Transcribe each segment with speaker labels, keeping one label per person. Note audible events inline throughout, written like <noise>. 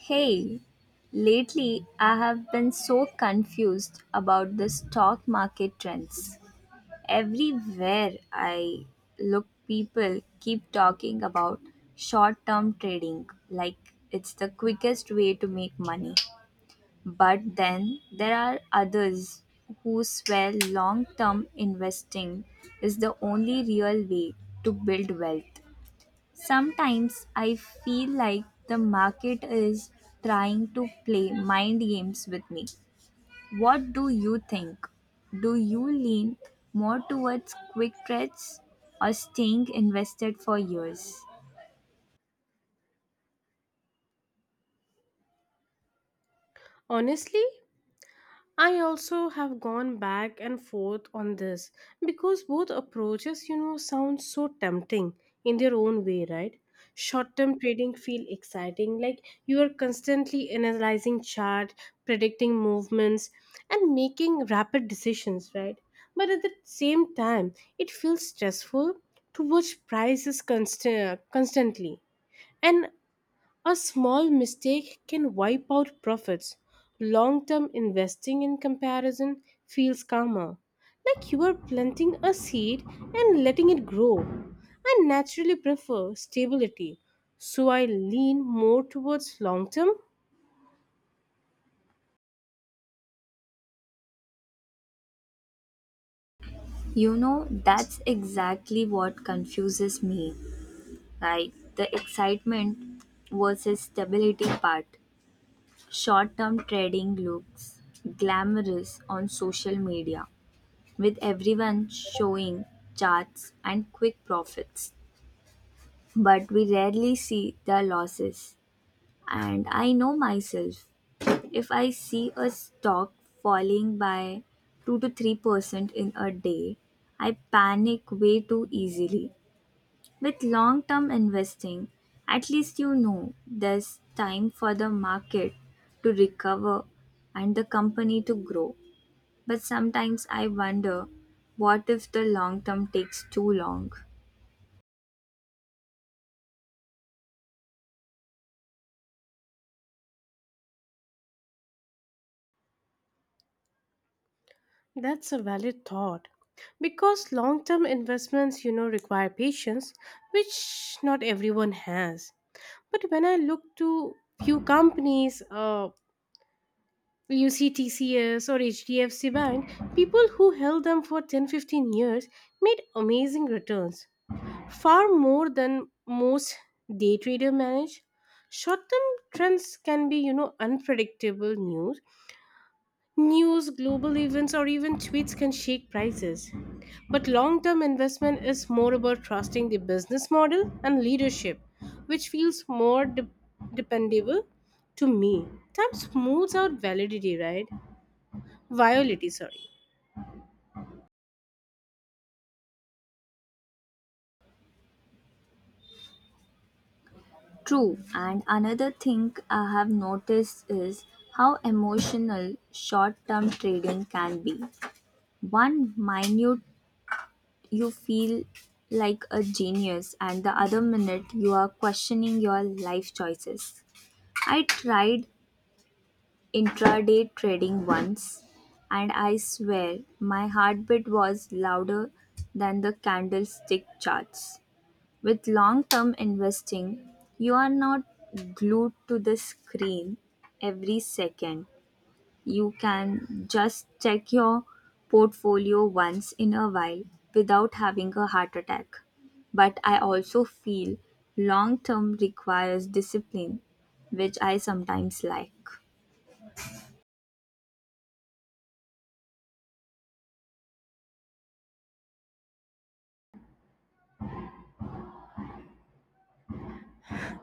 Speaker 1: Hey, lately I have been so confused about the stock market trends. Everywhere I look, people keep talking about short term trading like it's the quickest way to make money. But then there are others who swear long term investing is the only real way to build wealth. Sometimes I feel like the market is trying to play mind games with me. What do you think? Do you lean more towards quick trades or staying invested for years?
Speaker 2: Honestly, I also have gone back and forth on this because both approaches, you know, sound so tempting in their own way, right? Short-term trading feel exciting like you are constantly analyzing chart, predicting movements and making rapid decisions, right? But at the same time, it feels stressful to watch prices constantly and a small mistake can wipe out profits. Long term investing in comparison feels calmer. Like you are planting a seed and letting it grow. I naturally prefer stability, so I lean more towards long term.
Speaker 1: You know, that's exactly what confuses me. Like the excitement versus stability part. Short term trading looks glamorous on social media with everyone showing charts and quick profits. But we rarely see the losses. And I know myself, if I see a stock falling by 2 to 3% in a day, I panic way too easily. With long term investing, at least you know there's time for the market to recover and the company to grow. But sometimes I wonder what if the long term takes too long?
Speaker 2: That's a valid thought. Because long term investments, you know, require patience, which not everyone has. But when I look to few companies, you see TCS or HDFC Bank, people who held them for 10 15 years made amazing returns, far more than most day trader manage. Short term trends can be, you know, unpredictable news. News, global events, or even tweets can shake prices. But long term investment is more about trusting the business model and leadership, which feels more dependable to me. Time smooths out validity, right? Violity, sorry.
Speaker 1: True, and another thing I have noticed is how emotional short term trading can be. One minute you feel like a genius, and the other minute you are questioning your life choices. I tried intraday trading once, and I swear my heartbeat was louder than the candlestick charts. With long term investing, you are not glued to the screen every second. You can just check your portfolio once in a while without having a heart attack. But I also feel long term requires discipline, which I sometimes like.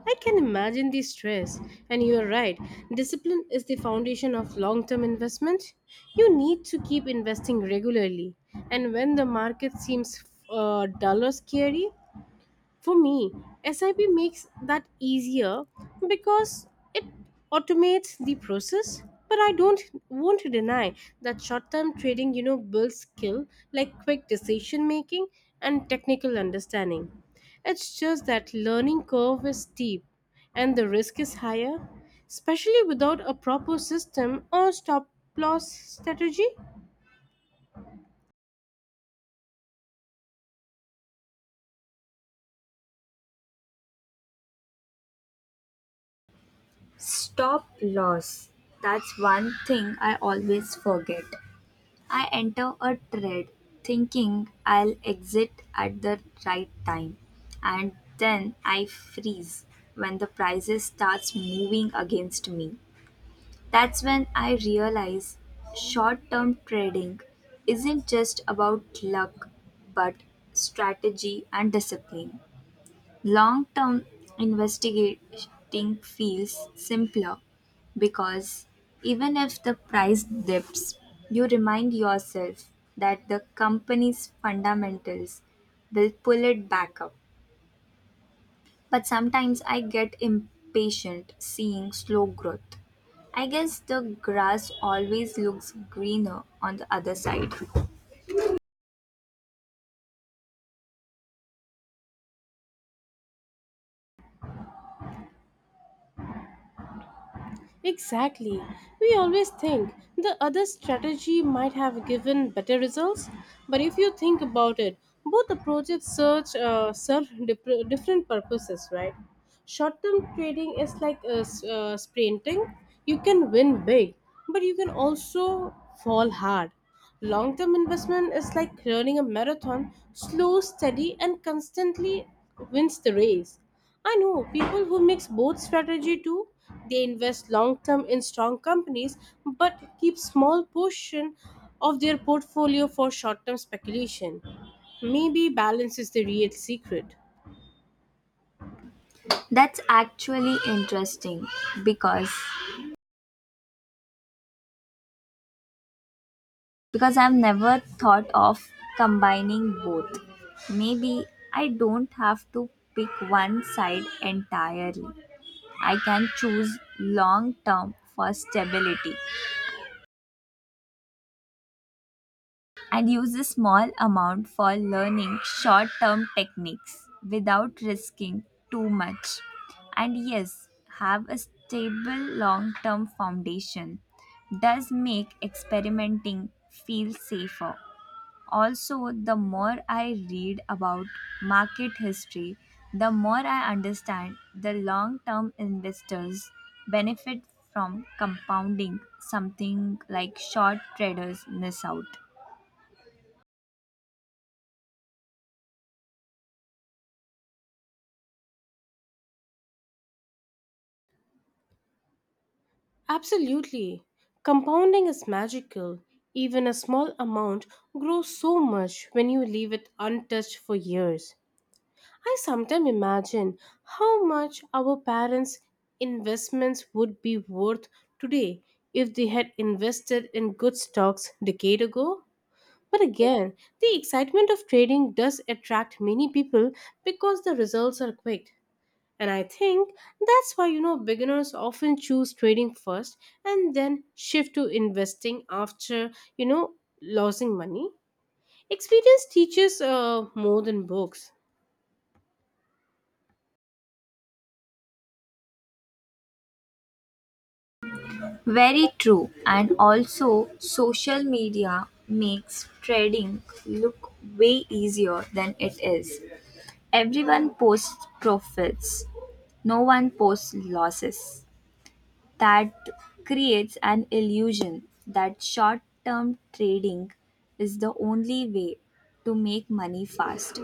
Speaker 2: I can imagine the stress, and you are right. Discipline is the foundation of long term investment. You need to keep investing regularly, and when the market seems dull or scary, for me, SIP makes that easier because it automates the process. But I don't want to deny that short-term trading, you know, builds skill like quick decision making and technical understanding. It's just that learning curve is steep and the risk is higher, especially without a proper system or stop loss strategy.
Speaker 1: Stop loss. That's one thing I always forget. I enter a trade thinking I'll exit at the right time and then I freeze when the prices starts moving against me. That's when I realize short-term trading isn't just about luck but strategy and discipline. Long-term investing feels simpler because even if the price dips, you remind yourself that the company's fundamentals will pull it back up. But sometimes I get impatient seeing slow growth. I guess the grass always looks greener on the other side.
Speaker 2: Exactly. We always think the other strategy might have given better results, but if you think about it, both approaches serve different purposes, right? Short term trading is like sprinting. You can win big, but you can also fall hard. Long term investment is like running a marathon, slow, steady, and constantly wins the race. I know people who mix both strategy too. They invest long term in strong companies but keep small portion of their portfolio for short term speculation. Maybe balance is the real secret.
Speaker 1: That's actually interesting because Because I've never thought of combining both. Maybe I don't have to pick one side entirely. I can choose long term for stability and use a small amount for learning short term techniques without risking too much. And yes, have a stable long term foundation does make experimenting feel safer. Also, the more I read about market history, the more I understand the long term investors benefit from compounding something like short traders miss out.
Speaker 2: Absolutely. Compounding is magical. Even a small amount grows so much when you leave it untouched for years. I sometimes imagine how much our parents' investments would be worth today if they had invested in good stocks decade ago. But again, the excitement of trading does attract many people because the results are quick. And I think that's why, you know, beginners often choose trading first and then shift to investing after, you know losing money. Experience teaches more than books.
Speaker 1: Very true. And also, social media makes trading look way easier than it is. Everyone posts profits, no one posts losses. That creates an illusion that short term trading is the only way to make money fast.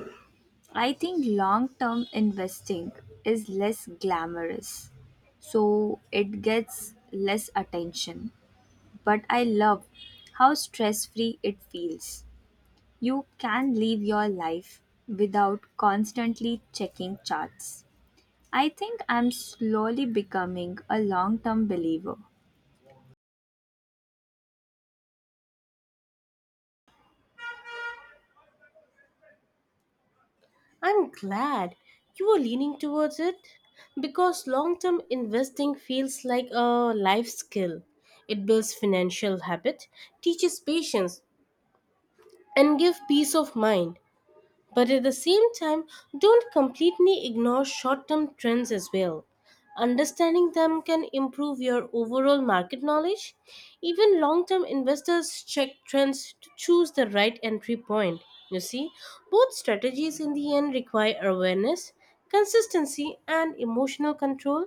Speaker 1: I think long term investing is less glamorous, so it gets less attention. But I love how stress free it feels. You can live your life without constantly checking charts. I think I'm slowly becoming a long term believer.
Speaker 2: I'm glad you are leaning towards it because long term investing feels like a life skill. It builds financial habit, teaches patience, and gives peace of mind. But at the same time, don't completely ignore short term trends as well. Understanding them can improve your overall market knowledge. Even long term investors check trends to choose the right entry point. You see, both strategies in the end require awareness, consistency, and emotional control.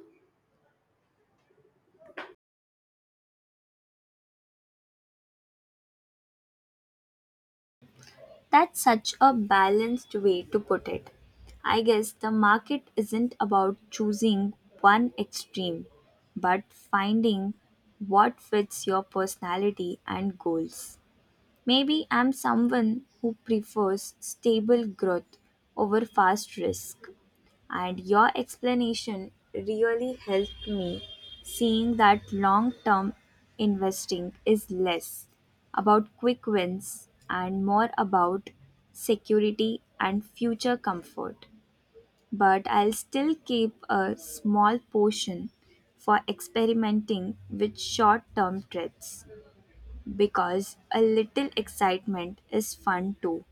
Speaker 1: That's such a balanced way to put it. I guess the market isn't about choosing one extreme, but finding what fits your personality and goals. Maybe I'm someone who prefers stable growth over fast risk, and your explanation really helped me seeing that long term investing is less about quick wins and more about security and future comfort. But I'll still keep a small portion for experimenting with short term trades because a little excitement is fun too.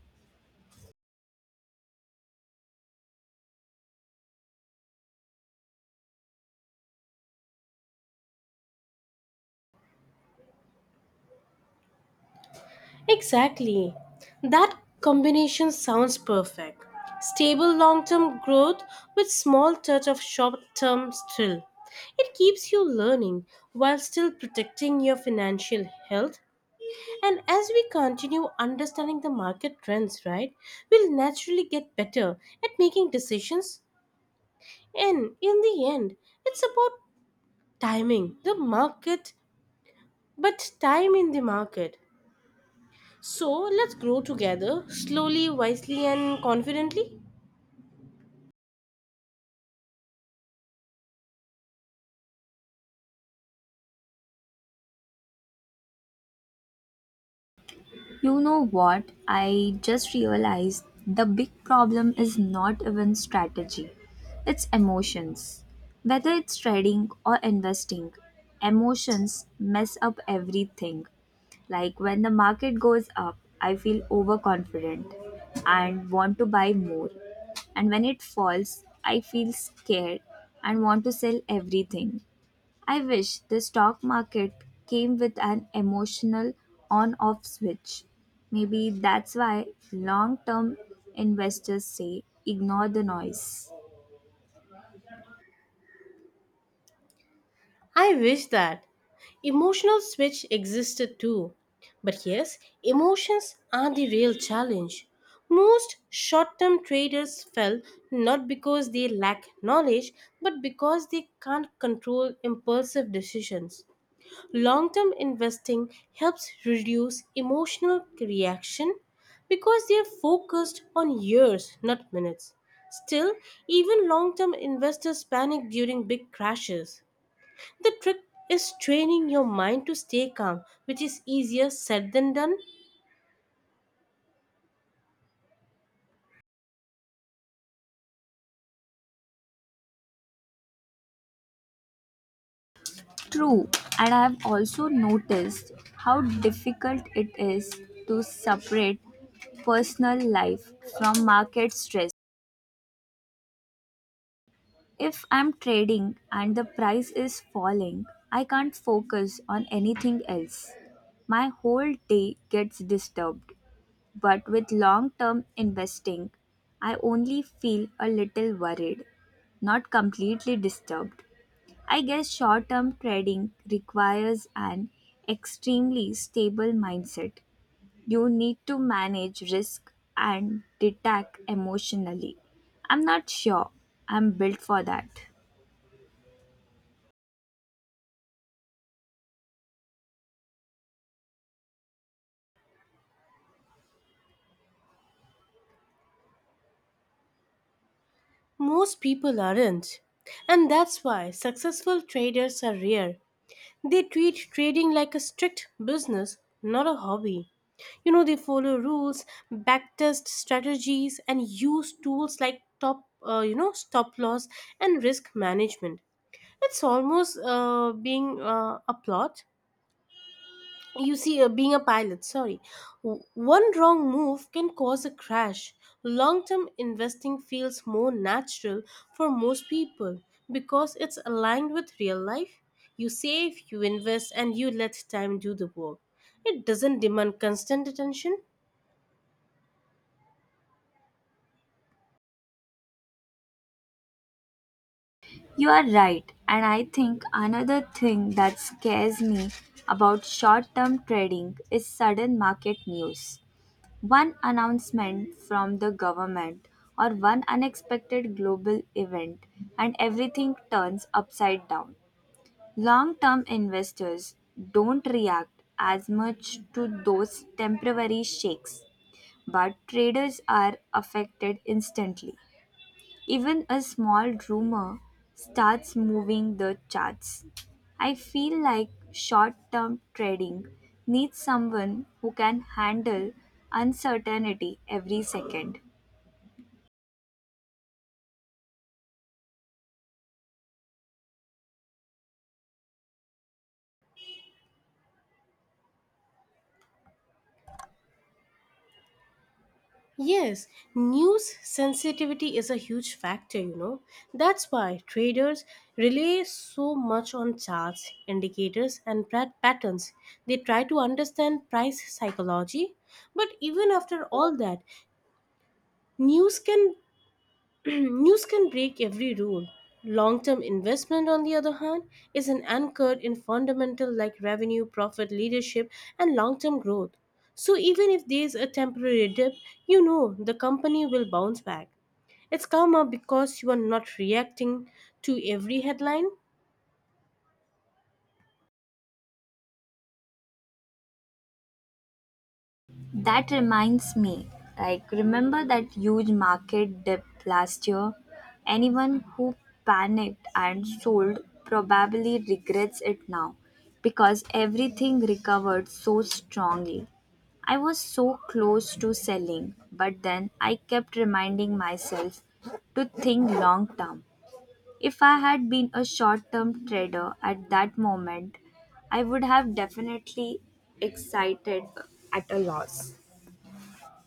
Speaker 2: Exactly. That combination sounds perfect. Stable long-term growth with small touch of short-term thrill. It keeps you learning while still protecting your financial health. And as we continue understanding the market trends, right, we'll naturally get better at making decisions. And in the end, it's about timing the market, but time in the market. So let's grow together, slowly, wisely, and confidently.
Speaker 1: You know what? I just realized the big problem is not even strategy, it's emotions. Whether it's trading or investing, emotions mess up everything. Like when the market goes up, I feel overconfident and want to buy more. And when it falls, I feel scared and want to sell everything. I wish the stock market came with an emotional on off switch. Maybe that's why long term investors say ignore the noise.
Speaker 2: I wish that emotional switch existed too. But yes, emotions are the real challenge. Most short term traders fail not because they lack knowledge, but because they can't control impulsive decisions. Long term investing helps reduce emotional reaction because they are focused on years, not minutes. Still, even long term investors panic during big crashes. The trick is training your mind to stay calm, which is easier said than done.
Speaker 1: True, and I have also noticed how difficult it is to separate personal life from market stress. If I'm trading and the price is falling, I can't focus on anything else. My whole day gets disturbed. But with long term investing, I only feel a little worried, not completely disturbed. I guess short term trading requires an extremely stable mindset. You need to manage risk and detach emotionally. I'm not sure I'm built for that.
Speaker 2: Most people aren't. And that's why successful traders are rare. They treat trading like a strict business, not a hobby. You know, they follow rules, backtest strategies, and use tools like top, stop loss and risk management. It's almost being a plot. You see, being a pilot, sorry, one wrong move can cause a crash. Long term investing feels more natural for most people because it's aligned with real life. You save, you invest, and you let time do the work. It doesn't demand constant attention.
Speaker 1: You are right, and I think another thing that scares me about short term trading is sudden market news. One announcement from the government or one unexpected global event, and everything turns upside down. Long term investors don't react as much to those temporary shakes, but traders are affected instantly. Even a small rumor starts moving the charts. I feel like short term trading needs someone who can handle uncertainty every second.
Speaker 2: Yes, news sensitivity is a huge factor, you know. That's why traders rely so much on charts, indicators, and patterns. They try to understand price psychology. But even after all that, news can <clears throat> News can break every rule. Long term investment, on the other hand, is an anchored in fundamental like revenue, profit, leadership, and long term growth. So even if there is a temporary dip, you know the company will bounce back. It's karma because you are not reacting to every headline.
Speaker 1: That reminds me, like, remember that huge market dip last year? Anyone who panicked and sold probably regrets it now because everything recovered so strongly. I was so close to selling, but then I kept reminding myself to think long term. If I had been a short term trader at that moment, I would have definitely excited at a loss.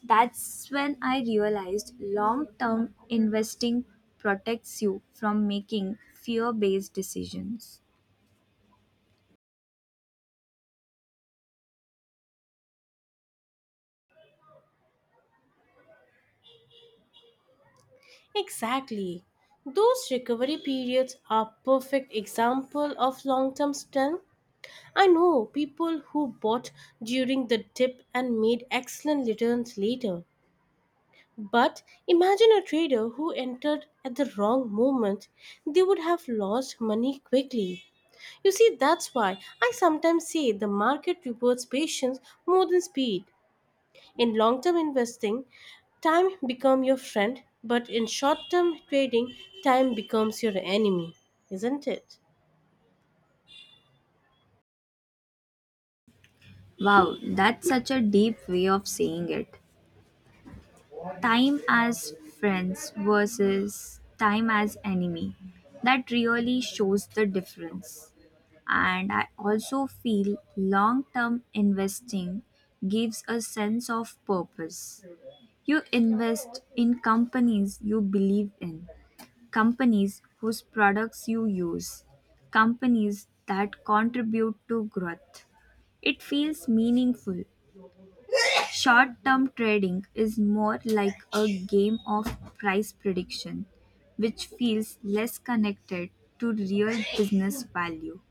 Speaker 1: That's when I realized long term investing protects you from making fear based decisions.
Speaker 2: Exactly. Those recovery periods are perfect example of long-term strength. I know people who bought during the dip and made excellent returns later. But imagine a trader who entered at the wrong moment. They would have lost money quickly. You see, that's why I sometimes say the market rewards patience more than speed. In long term investing, time becomes your friend, but in short term trading, time becomes your enemy, isn't it?
Speaker 1: Wow, that's such a deep way of saying it. Time as friends versus time as enemy. That really shows the difference. And I also feel long term investing gives a sense of purpose. You invest in companies you believe in companies whose products you use, companies that contribute to growth. It feels meaningful. Short term trading is more like a game of price prediction, which feels less connected to real business value.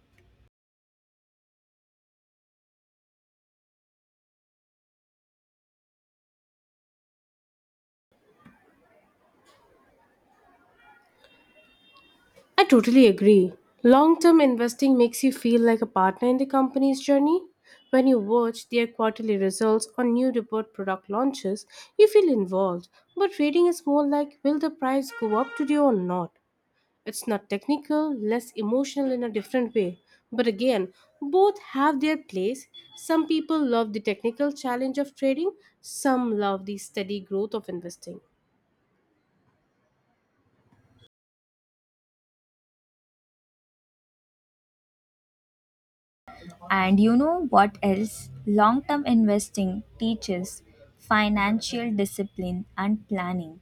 Speaker 2: I totally agree. Long term investing makes you feel like a partner in the company's journey. When you watch their quarterly results or new report product launches, you feel involved. But trading is more like will the price go up today or not? It's not technical, less emotional in a different way. But again, both have their place. Some people love the technical challenge of trading, some love the steady growth of investing.
Speaker 1: And you know what else? Long term investing teaches financial discipline and planning.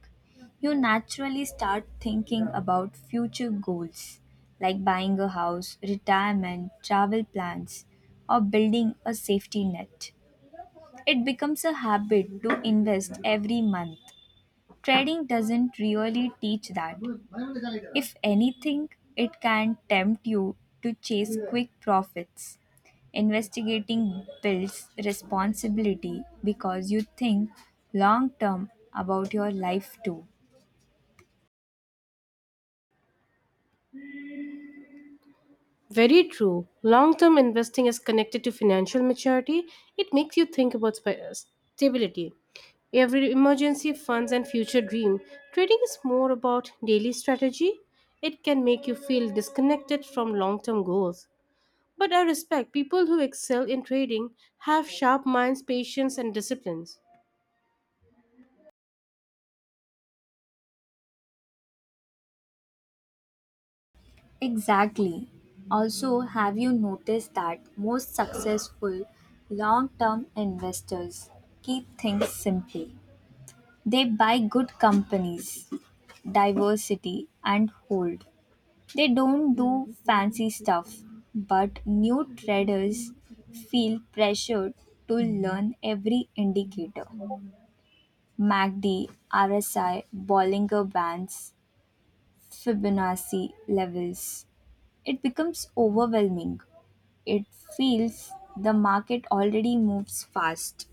Speaker 1: You naturally start thinking about future goals like buying a house, retirement, travel plans, or building a safety net. It becomes a habit to invest every month. Trading doesn't really teach that. If anything, it can tempt you to chase quick profits. Investigating builds responsibility because you think long term about your life too.
Speaker 2: Very true. Long term investing is connected to financial maturity. It makes you think about stability. Every emergency funds and future dream. Trading is more about daily strategy. It can make you feel disconnected from long term goals. But I respect people who excel in trading have sharp minds, patience, and disciplines.
Speaker 1: Exactly. Also, have you noticed that most successful long term investors keep things simple? They buy good companies, diversity, and hold. They don't do fancy stuff, but new traders feel pressured to learn every indicator MACD, RSI, Bollinger Bands, Fibonacci levels. It becomes overwhelming. It feels the market already moves fast.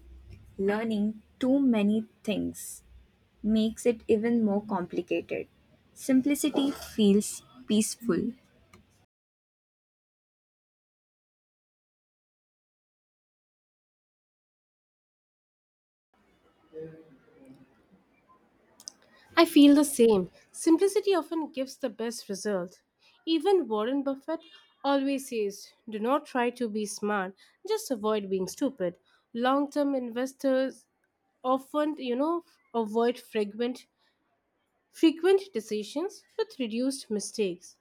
Speaker 1: Learning too many things makes it even more complicated. Simplicity feels peaceful.
Speaker 2: I feel the same. Simplicity often gives the best result. Even Warren Buffett always says, do not try to be smart, just avoid being stupid. Long-term investors often, you know, avoid frequent decisions with reduced mistakes.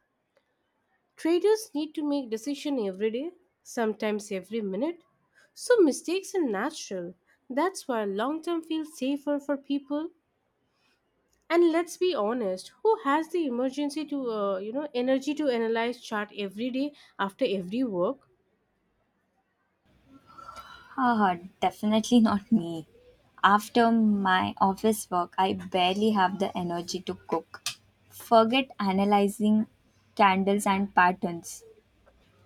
Speaker 2: Traders need to make decisions every day, sometimes every minute. So mistakes are natural. That's why long-term feels safer for people. And let's be honest, who has the emergency to, energy to analyze chart every day after every work?
Speaker 1: Ah, definitely not me. After my office work, I barely have the energy to cook. Forget analyzing candles and patterns.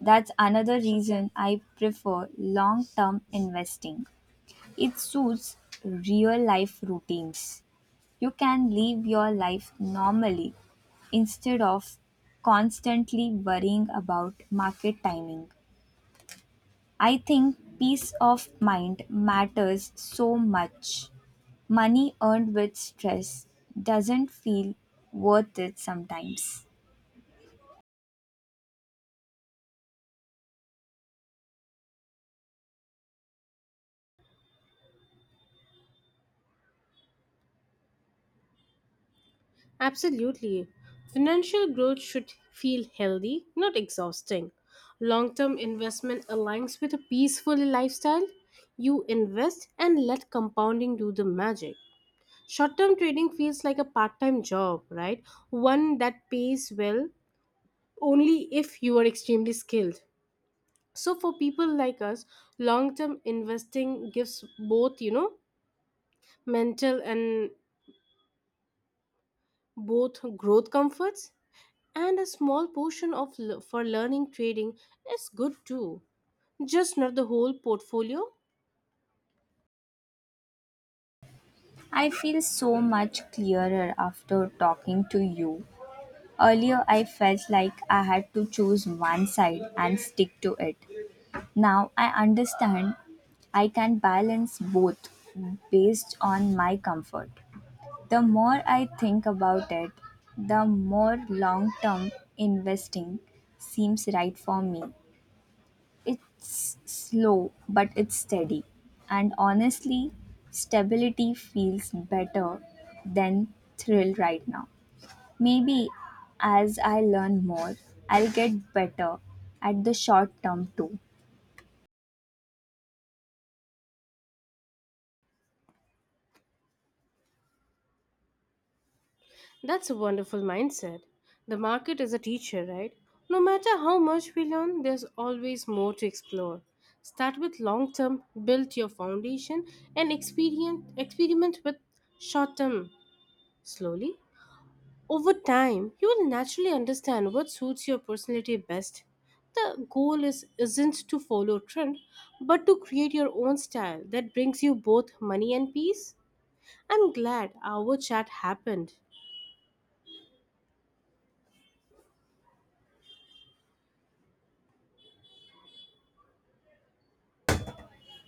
Speaker 1: That's another reason I prefer long term investing. It suits real life routines. You can live your life normally instead of constantly worrying about market timing. I think peace of mind matters so much. Money earned with stress doesn't feel worth it sometimes.
Speaker 2: Absolutely. Financial growth should feel healthy, not exhausting. Long term investment aligns with a peaceful lifestyle. You invest and let compounding do the magic. Short term trading feels like a part time job, right? One that pays well only if you are extremely skilled. So for people like us, long term investing gives both, mental and both growth comforts, and a small portion of for learning trading is good too, just not the whole portfolio.
Speaker 1: I feel so much clearer after talking to you. Earlier, I felt like I had to choose one side and stick to it. Now I understand I can balance both based on my comfort. The more I think about it, the more long term investing seems right for me. It's slow, but it's steady. And honestly, stability feels better than thrill right now. Maybe as I learn more, I'll get better at the short term too.
Speaker 2: That's a wonderful mindset. The market is a teacher, right? No matter how much we learn, there's always more to explore. Start with long term, build your foundation, and experience experiment with short term slowly. Over time, you will naturally understand what suits your personality best. The goal is isn't to follow trend, but to create your own style that brings you both money and peace. I'm glad our chat happened.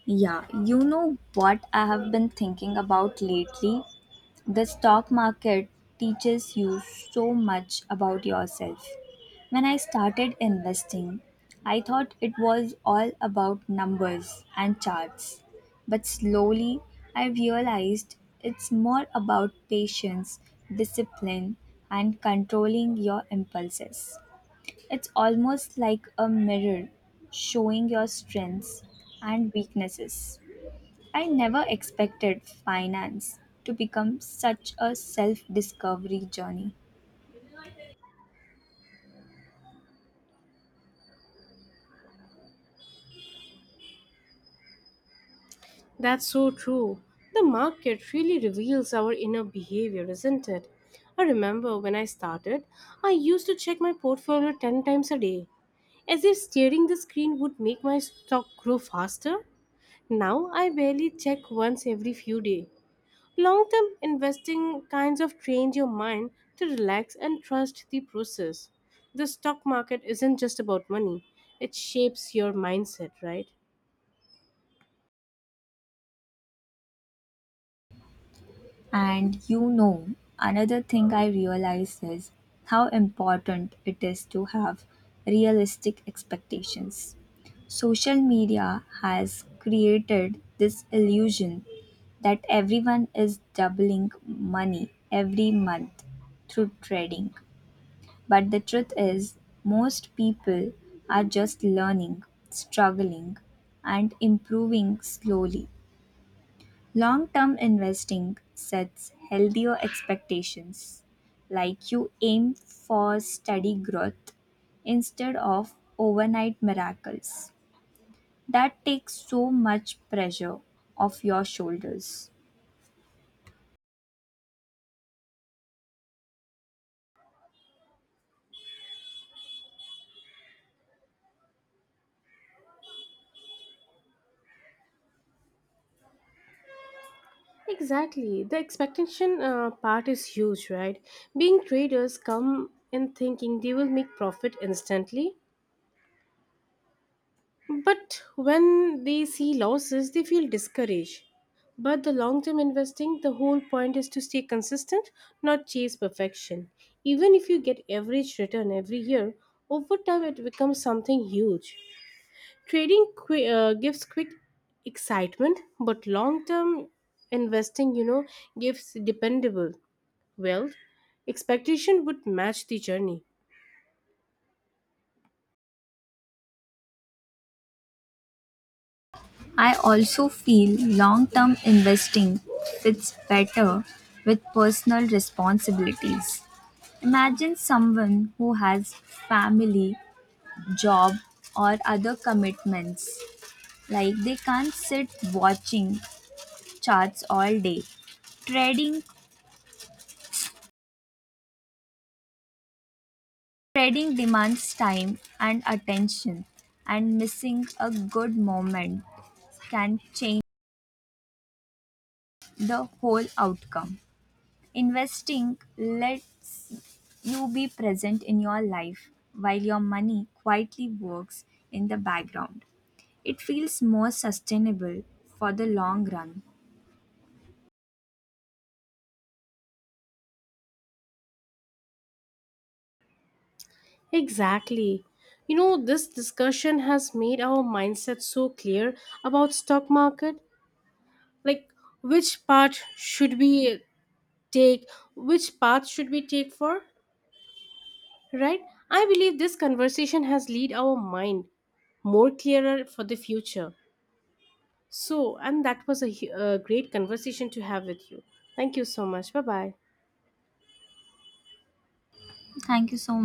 Speaker 1: Yeah, you know what I have been thinking about lately? The stock market teaches you so much about yourself. When I started investing, I thought it was all about numbers and charts. But slowly, I realized it's more about patience, discipline, and controlling your impulses. It's almost like a mirror showing your strengths and weaknesses. I never expected finance to become such a self discovery journey.
Speaker 2: That's so true. The market really reveals our inner behavior, isn't it? I remember when I started, I used to check my portfolio 10 times a day, as if staring the screen would make my stock grow faster. Now I barely check once every few days. Long term investing kinds of trains your mind to relax and trust the process. The stock market isn't just about money, it shapes your mindset, right?
Speaker 1: And you know, another thing I realized is how important it is to have realistic expectations. Social media has created this illusion that everyone is doubling money every month through trading. But the truth is, most people are just learning, struggling, and improving slowly. Long term investing sets healthier expectations, like you aim for steady growth instead of overnight miracles. That takes so much pressure off your shoulders.
Speaker 2: Exactly. The expectation part is huge, right? Being traders come in thinking they will make profit instantly, but when they see losses, they feel discouraged. But the long term investing, the whole point is to stay consistent, not chase perfection. Even if you get average return every year, over time it becomes something huge. Trading gives quick excitement, but long term investing, you know, gives dependable wealth. Expectation would match the journey.
Speaker 1: I also feel long term investing fits better with personal responsibilities. Imagine someone who has family, job, or other commitments. Like they can't sit watching charts all day. Trading trading demands time and attention, and missing a good moment can change the whole outcome. Investing lets you be present in your life while your money quietly works in the background. It feels more sustainable for the long run.
Speaker 2: Exactly. You know, this discussion has made our mindset so clear about stock market. Like which part should we take, which path should we take for, right? I believe this conversation has lead our mind more clearer for the future. So, and that was a a great conversation to have with you. Thank you so much. Bye bye.
Speaker 1: Thank you so